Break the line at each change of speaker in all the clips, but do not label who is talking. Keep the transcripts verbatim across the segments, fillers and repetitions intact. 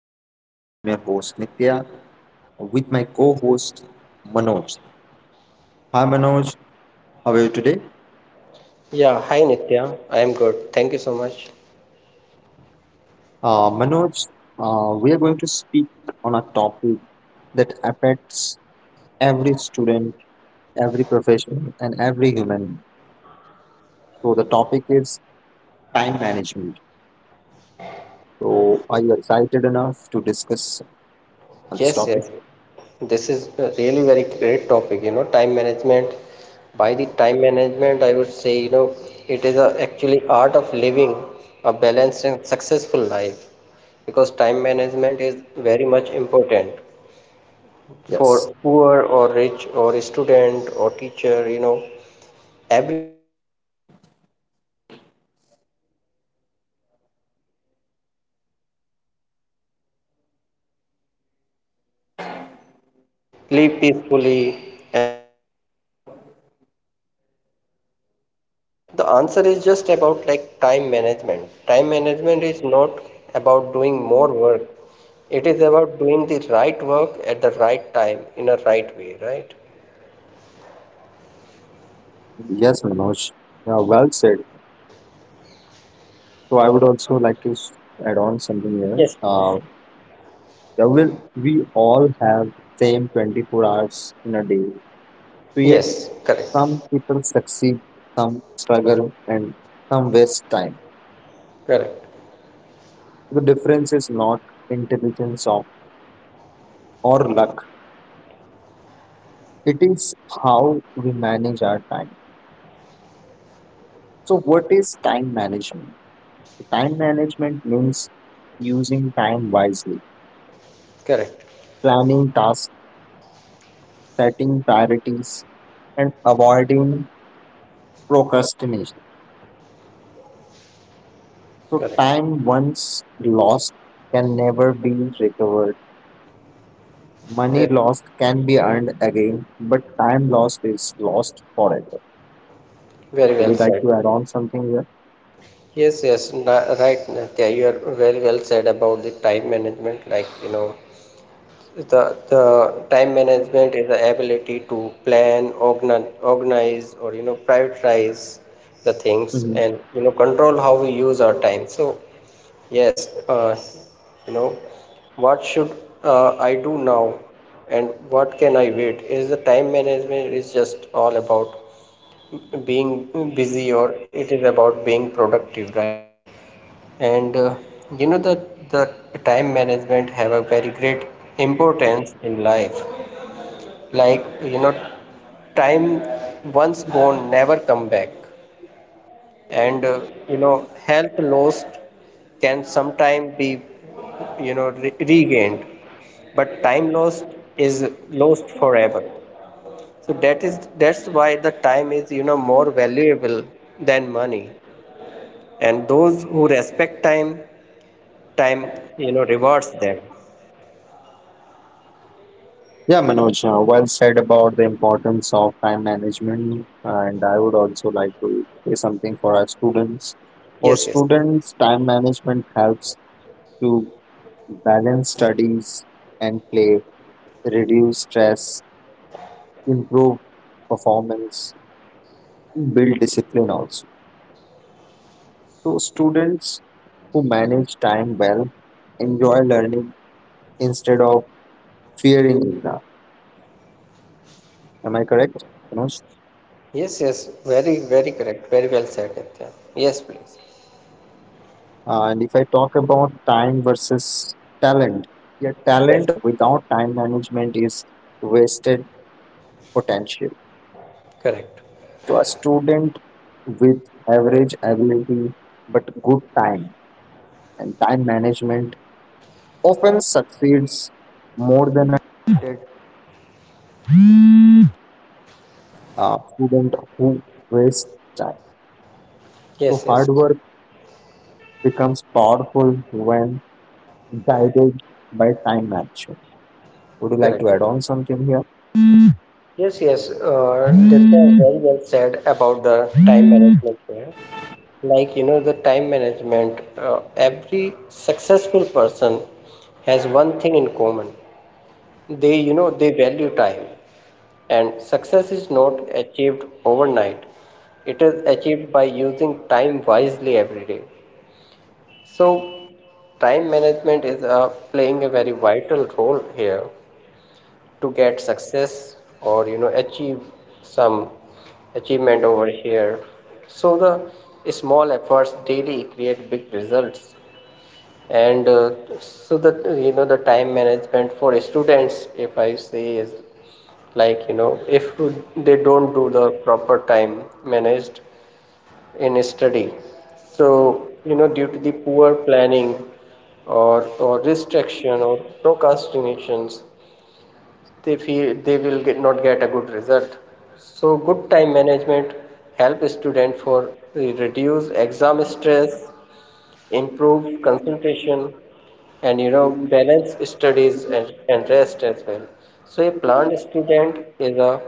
show. I'm your host Nitya with my co-host Manoj. Hi Manoj, how are you today?
Yeah, hi Nitya. I am good. Thank you so much.
Uh, Manoj, uh, we are going to speak on a topic that affects every student, every profession, and every human. So the topic is time management. So are you excited enough to discuss on this
Yes,
topic?
yes. This is a really very great topic, you know, time management. By the time management, I would say, you know, it is a, actually art of living a balanced and successful life because time management is very much important for
Yes.
poor or rich or student or teacher, you know, everyone. I would say that everyone gets twenty-four hours a day, and and and you know some people achieve great success, some people live peacefully, and some people always feel stress and rust. So the answer is just about like time management. Time management is not about doing more work, it is about doing the right work at the right time in a right way, right?
Yes, Manoj. Yeah, well said. So I would also like to s- add on something here.
Yes, please.
Uh, Yeah, well, we all have same twenty-four hours in a day. So yet
Yes, correct,
some people succeed, some struggle, and some waste time.
correct,
The difference is not intelligence of, or luck. It is how we manage our time. So what is time management? Time management means using time wisely,
correct,
planning tasks, setting priorities, and avoiding procrastination. So
correct.
time once lost can never be recovered. Money
Very,
lost can be earned again, but time lost is lost forever.
very
Would
well
you like
said.
to add on something here?
Yes, yes, na- right, Nitya, you are very well said about the time management. Like, you know, the the time management is the ability to plan, organize, organize, or you know prioritize the things
Mhm.
and you know control how we use our time. So yes, uh, you know, what should uh, I do now and what can I wait, is the time management is just all about being busy, or it is about being productive, right? And uh, you know that the time management have a very great importance in life. Like you know, time once gone never come back. And uh, you know, health lost can sometime be, you know, re- regained, but time lost is lost forever. So that is that's why the time is, you know, more valuable than money. And those who respect time, time you know, rewards them.
Yeah, Manoj, uh, well said about the importance of time management, and I would also like to say something for our students. For
Yes, yes.
students, time management helps to balance studies and play, reduce stress, improve performance, build discipline also. So, students who manage time well enjoy learning instead of fearing it. Am I correct, Manoj?
Yes, yes. Very, very correct. Very well said, Nitya. Yes, please.
Uh, And if I talk about time versus talent, yeah,
Yes.
talent without time management is wasted potential.
Correct.
To a student with average ability but good time and time management often succeeds more than a uh, student who wastes time. So
Yes, yes.
hard work becomes powerful when guided by time management. Would you like
Correct.
to add on something here?
Yes, yes, uh, Ditya, very well said about the time management here. Like, you know, the time management, uh, every successful person has one thing in common. They, you know, they value time. And success is not achieved overnight. It is achieved by using time wisely every day. So, time management is uh, playing a very vital role here to get success or you know achieve some achievement over here. So the small efforts daily create big results. And uh, so that you know the time management for students, if I say, is like you know, if they don't do the proper time managed in study, so you know due to the poor planning or or restriction or procrastinations, they feel they will get, not get a good result. So good time management help student for reduce exam stress, improve concentration, and you know balance studies and, and rest as well. So a planned student is a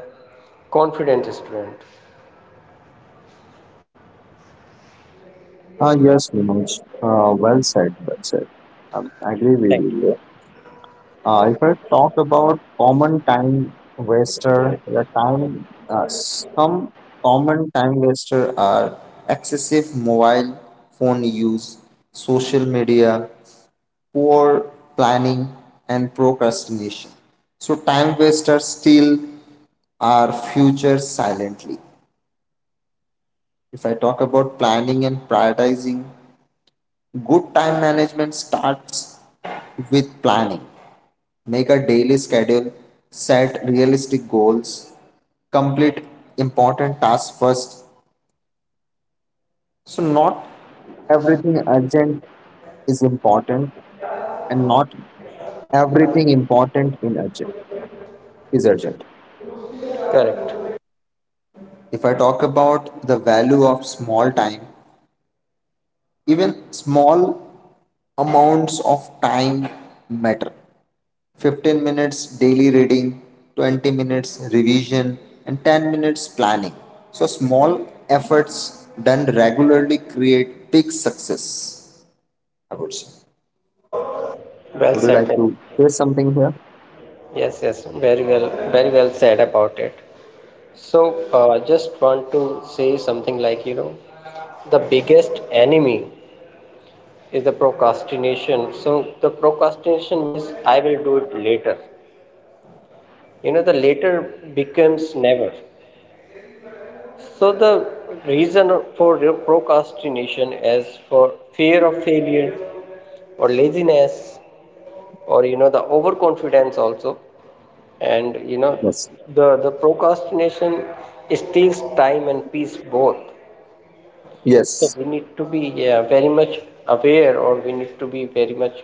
confident student.
Uh, yes, Manoj. Uh, well said, well said. Um, I agree with
Correct.
you here. Uh, if I talk about common time waster, the time uh, some common time waster are excessive mobile phone use, social media, poor planning, and procrastination. So time wasters steal our future silently. If I talk about planning and prioritizing, good time management starts with planning. Make a daily schedule, set realistic goals, complete important tasks first. So, not everything urgent is important, and not everything important in urgent is urgent.
Correct.
If I talk about the value of small time, even small amounts of time matter. fifteen minutes daily reading, twenty minutes revision, and ten minutes planning. So, small efforts done regularly create big success, I would say.
Well
Would you like
said.
to say something here?
Yes, yes, very well, very well said about it. So uh, I just want to say something like, you know, the biggest enemy is the procrastination. So the procrastination means I will do it later. You know, the later becomes never. So the reason for re- procrastination is for fear of failure or laziness or you know the overconfidence also. And you know
Yes.
the the procrastination steals time and peace both. So
Yes.
we need to be, yeah, very much aware, or we need to be very much,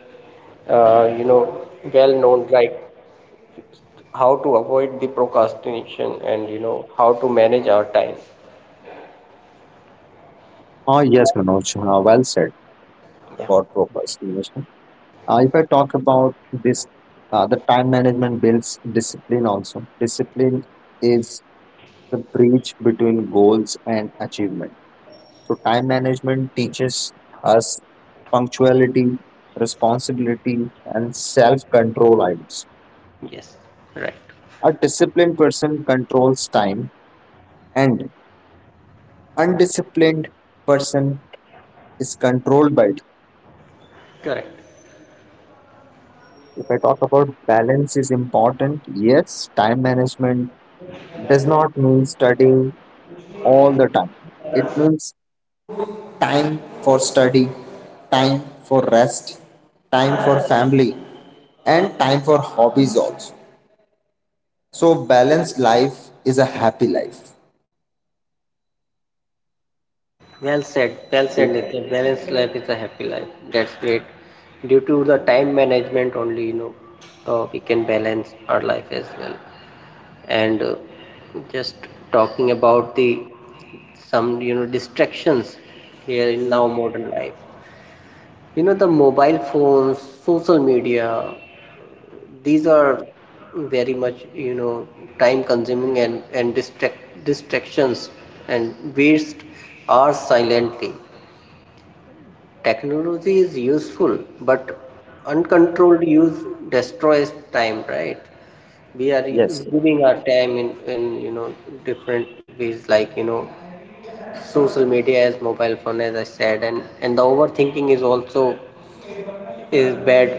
uh, you know, well known, like how to avoid the procrastination and you know how to manage our time.
Oh, yes, Manoj. Uh, well said.
Yeah.
God purpose. Uh, if I talk about this, uh, the time management builds discipline also. Discipline is the bridge between goals and achievement. So time management teaches us punctuality, responsibility, and self-control items.
Yes, right,
A disciplined person controls time, and undisciplined person is controlled by it.
correct.
If I talk about balance is important, yes, time management does not mean studying all the time. It means time for study, time for rest, time for family, and time for hobbies also. So, balanced life is a happy life.
Well said, well said, Nitya. Balanced life is a happy life. That's great. Due to the time management only, you know, uh, we can balance our life as well. And uh, just talking about the some, you know, distractions here in now modern life. You know, the mobile phones, social media, these are very much you know time consuming and and distract distractions and waste hours silently. Technology is useful, but uncontrolled use destroys time, right? We are
Yes.
giving our time in, in you know different ways like you know social media as mobile phone, as I said, and, and the overthinking is also is bad.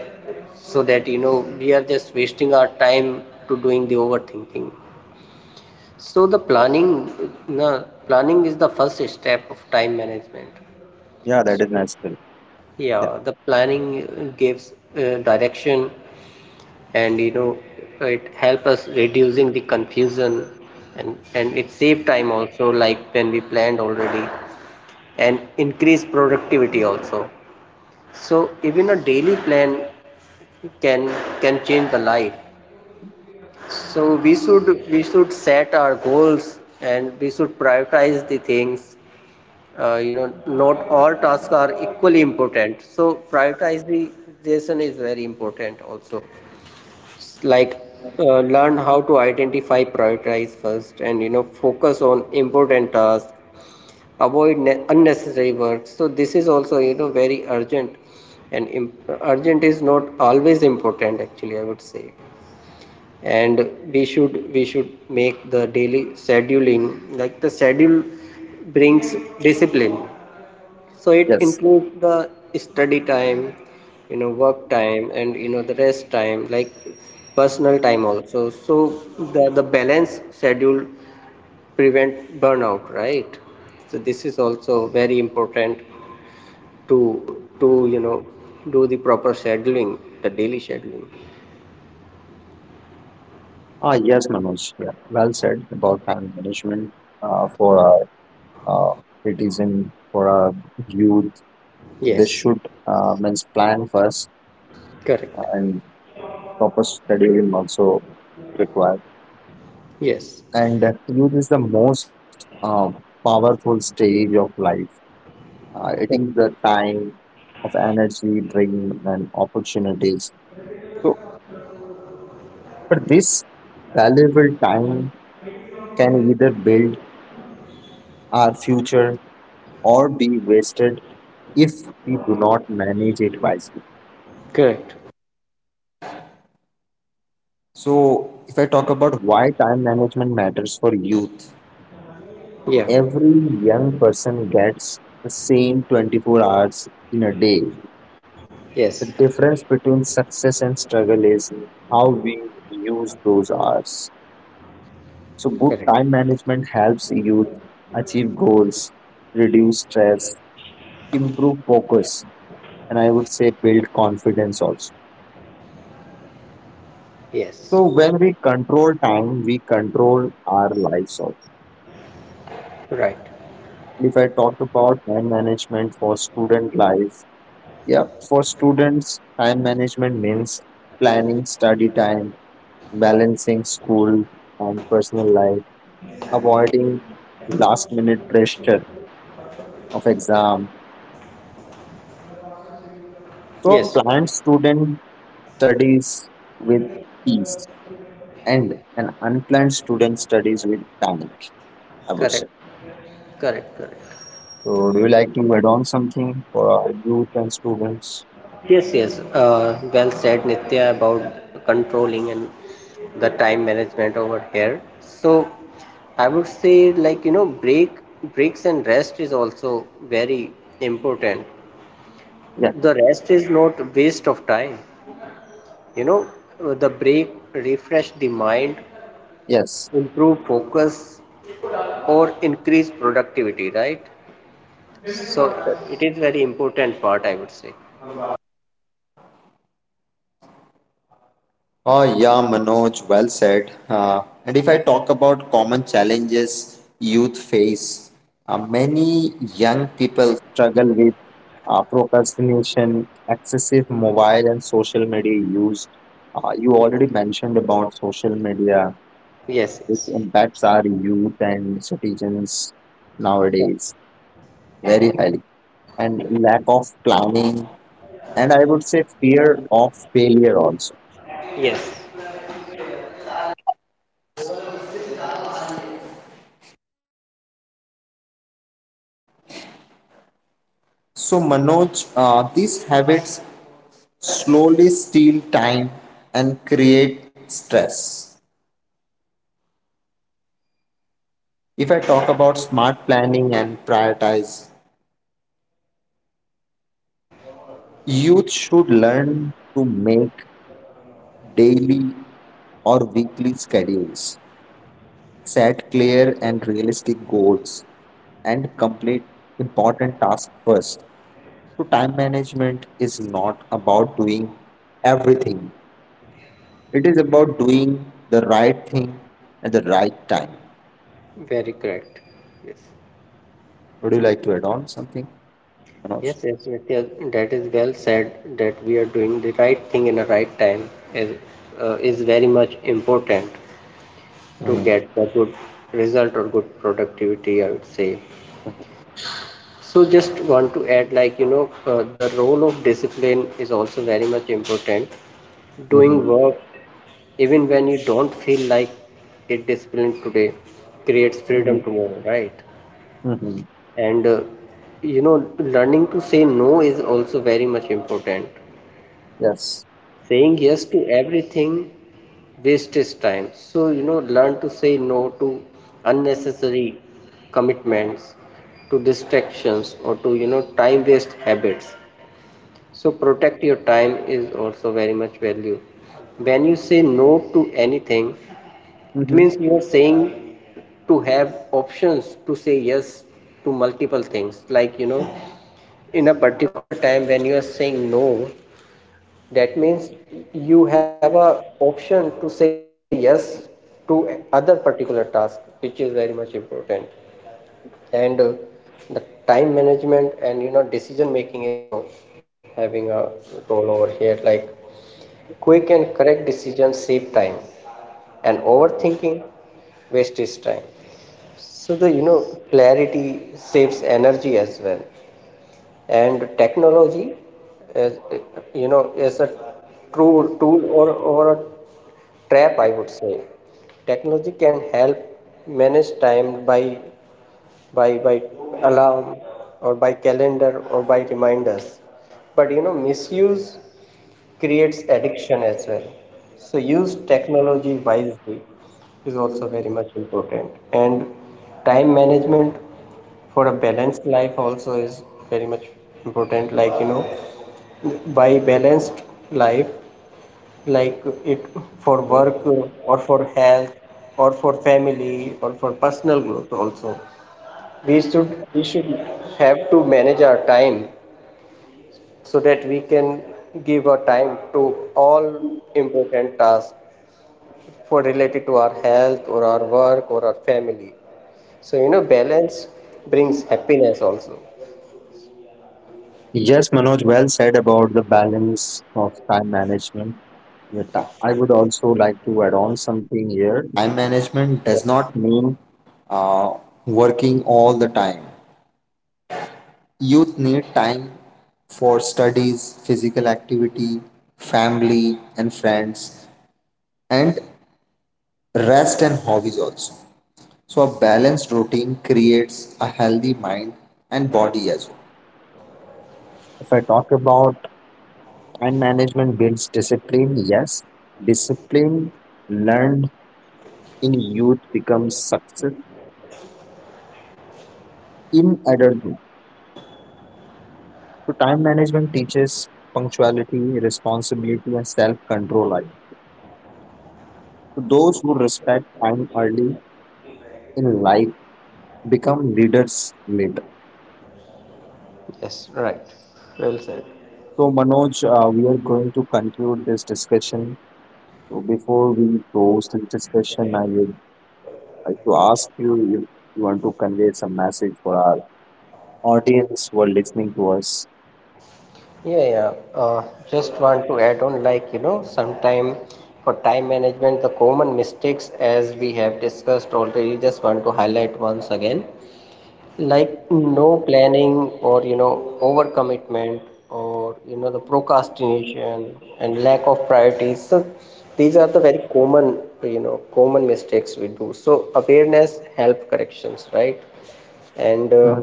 So that you know we are just wasting our time to doing the overthinking. So the planning, na, planning is the first step of time management.
Yeah, that is necessary. Yeah.
Yeah, the planning gives uh, direction, and you know it help us reducing the confusion, and and it save time also like when we planned already, and increase productivity also. So even a daily plan can can change the life. So we should we should set our goals and we should prioritize the things. Uh, you know, not all tasks are equally important, so prioritization is very important also. Like uh, learn how to identify prioritize first and you know focus on important tasks, avoid ne- unnecessary work. So this is also you know very urgent, and imp- urgent is not always important, actually, I would say. And we should we should make the daily scheduling, like the schedule brings discipline. So it
Yes.
includes the study time, you know, work time, and you know the rest time, like personal time also. So the the balance schedule prevent burnout, right? So this is also very important to to you know do the proper scheduling, the daily scheduling.
Ah, yes, Manoj. Yeah. Well said about time management uh, for our uh, citizen, for our youth. So they
Yes,
should uh, means plan first
correct.
and proper scheduling also required.
Yes.
And uh, youth is the most uh, powerful stage of life. Uh, it is the time of energy, dream, and opportunities. So, But this valuable time can either build our future or be wasted if we do not manage it wisely.
Correct.
So, if I talk about why time management matters for youth,
Yeah.
every young person gets the same twenty-four hours in a day.
Yes.
The difference between success and struggle is how we use those hours. So, good
Correct.
time management helps youth achieve goals, reduce stress, improve focus, and I would say build confidence also.
Yes.
So when we control time, we control our lives also.
Right.
If I talk about time management for student life, yeah, for students, time management means planning study time, balancing school and personal life, avoiding last minute pressure of exam. So
Yes.
planned student studies with peace and an unplanned student studies with panic, I would say.
Correct. Correct. Correct.
So, do you like to add on something for our youth and students?
Yes. Yes. Uh, well said, Nitya, about controlling and the time management over here. So, I would say like you know break breaks and rest is also very important.
Yeah.
The rest is not waste of time. You know, uh, the break refresh the mind,
Yes.
improve focus, or increase productivity, right? So it is very important part, I would say.
Oh, yeah, Manoj, well said. Uh, and if I talk about common challenges youth face, uh, many young people struggle with uh, procrastination, excessive mobile and social media use. Uh, you already mentioned about social media,
Yes,
which
yes.
impacts our youth and citizens
Yeah.
nowadays very highly, and lack of planning and I would say fear of failure also.
Yes.
So, Manoj, uh, these habits slowly steal time and create stress. If I talk about smart planning and prioritize, youth should learn to make daily or weekly schedules, set clear and realistic goals, and complete important tasks first. So, time management is not about doing everything. It is about doing the right thing at the right time.
Very correct. Yes.
Would you like to add on something, Manoj?
Yes, yes, Nitya, that is well said that we are doing the right thing in the right time is uh, is very much important to
Mm-hmm.
get a good result or good productivity, I would say. So just want to add like you know, uh, the role of discipline is also very much important. Doing
Mm-hmm.
work even when you don't feel like it, discipline today creates freedom
Mm-hmm.
tomorrow, right?
Mm-hmm.
And uh, you know, learning to say no is also very much important.
Yes.
Saying yes to everything wastes time. So, you know, learn to say no to unnecessary commitments, to distractions, or to, you know, time waste habits. So protect your time is also very much value. When you say no to anything, it
Mm-hmm.
means you are saying to have options to say yes to multiple things. Like you know, in a particular time when you are saying no, that means you have a option to say yes to other particular task, which is very much important. And uh, the time management and you know decision making is also having a role over here. Like quick and correct decisions save time, and overthinking wastes time. So the you know clarity saves energy as well. And technology is, you know, is a true tool, or, or a trap, I would say. Technology can help manage time by by by alarm or by calendar or by reminders, but you know misuse creates addiction as well. So use technology wisely is also very much important. And time management for a balanced life also is very much important. Like you know, by balanced life, like it for work or for health or for family or for personal growth also. We should we should have to manage our time so that we can give our time to all important tasks for related to our health or our work or our family. So you know balance brings happiness also.
Yes, Manoj, well said about the balance of time management. Yeah, ti- I would also like to add on something here. Time management does
Yes,
not mean uh, working all the time. Youth need time for studies, physical activity, family, and friends. And rest and hobbies also. So a balanced routine creates a healthy mind and body as well. If I talk about time management builds discipline, yes, discipline learned in youth becomes success in adulthood. So time management teaches punctuality, responsibility, and self-control, I think. So those who respect time early in life become leaders later.
yes, right, well said.
So Manoj, uh, we are going to conclude this discussion. So before we close this discussion, I would like to ask you if you want to convey some message for our audience who are listening to us.
Yeah, yeah, uh, just want to add on like you know sometime for time management the common mistakes as we have discussed already, just want to highlight once again, like no planning or you know overcommitment or you know the procrastination and lack of priorities. So these are the very common, you know, common mistakes we do. So awareness help corrections, right? And
Uh,
uh,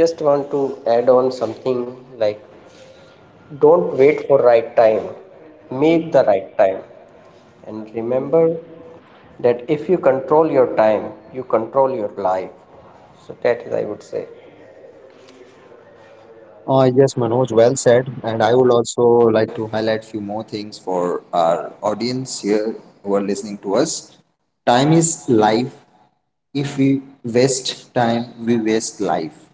just want to add on something like don't wait for right time, make the right time. And remember that if you control your time, you control your life. So that is, I would say.
Uh, yes, Manoj, well said. And I would also like to highlight few more things for our audience here who are listening to us. Time is life. If we waste time, we waste life.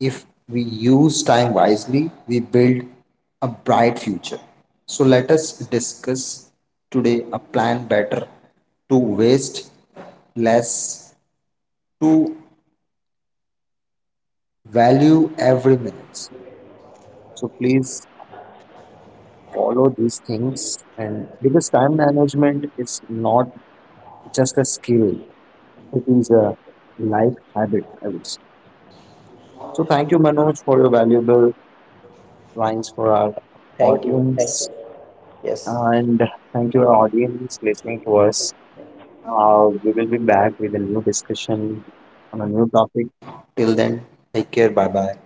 If we use time wisely, we build a bright future. So let us discuss today a plan better to waste less, to value every minute. So please follow these things and because time management is not just a skill, it is a life habit, I would say. So thank you, Manoj, for your valuable lines for our
Thank you. Thank you.
audience.
Yes.
And thank you, audience, listening to us. Uh, we will be back with a new discussion on a new topic. Till take bye.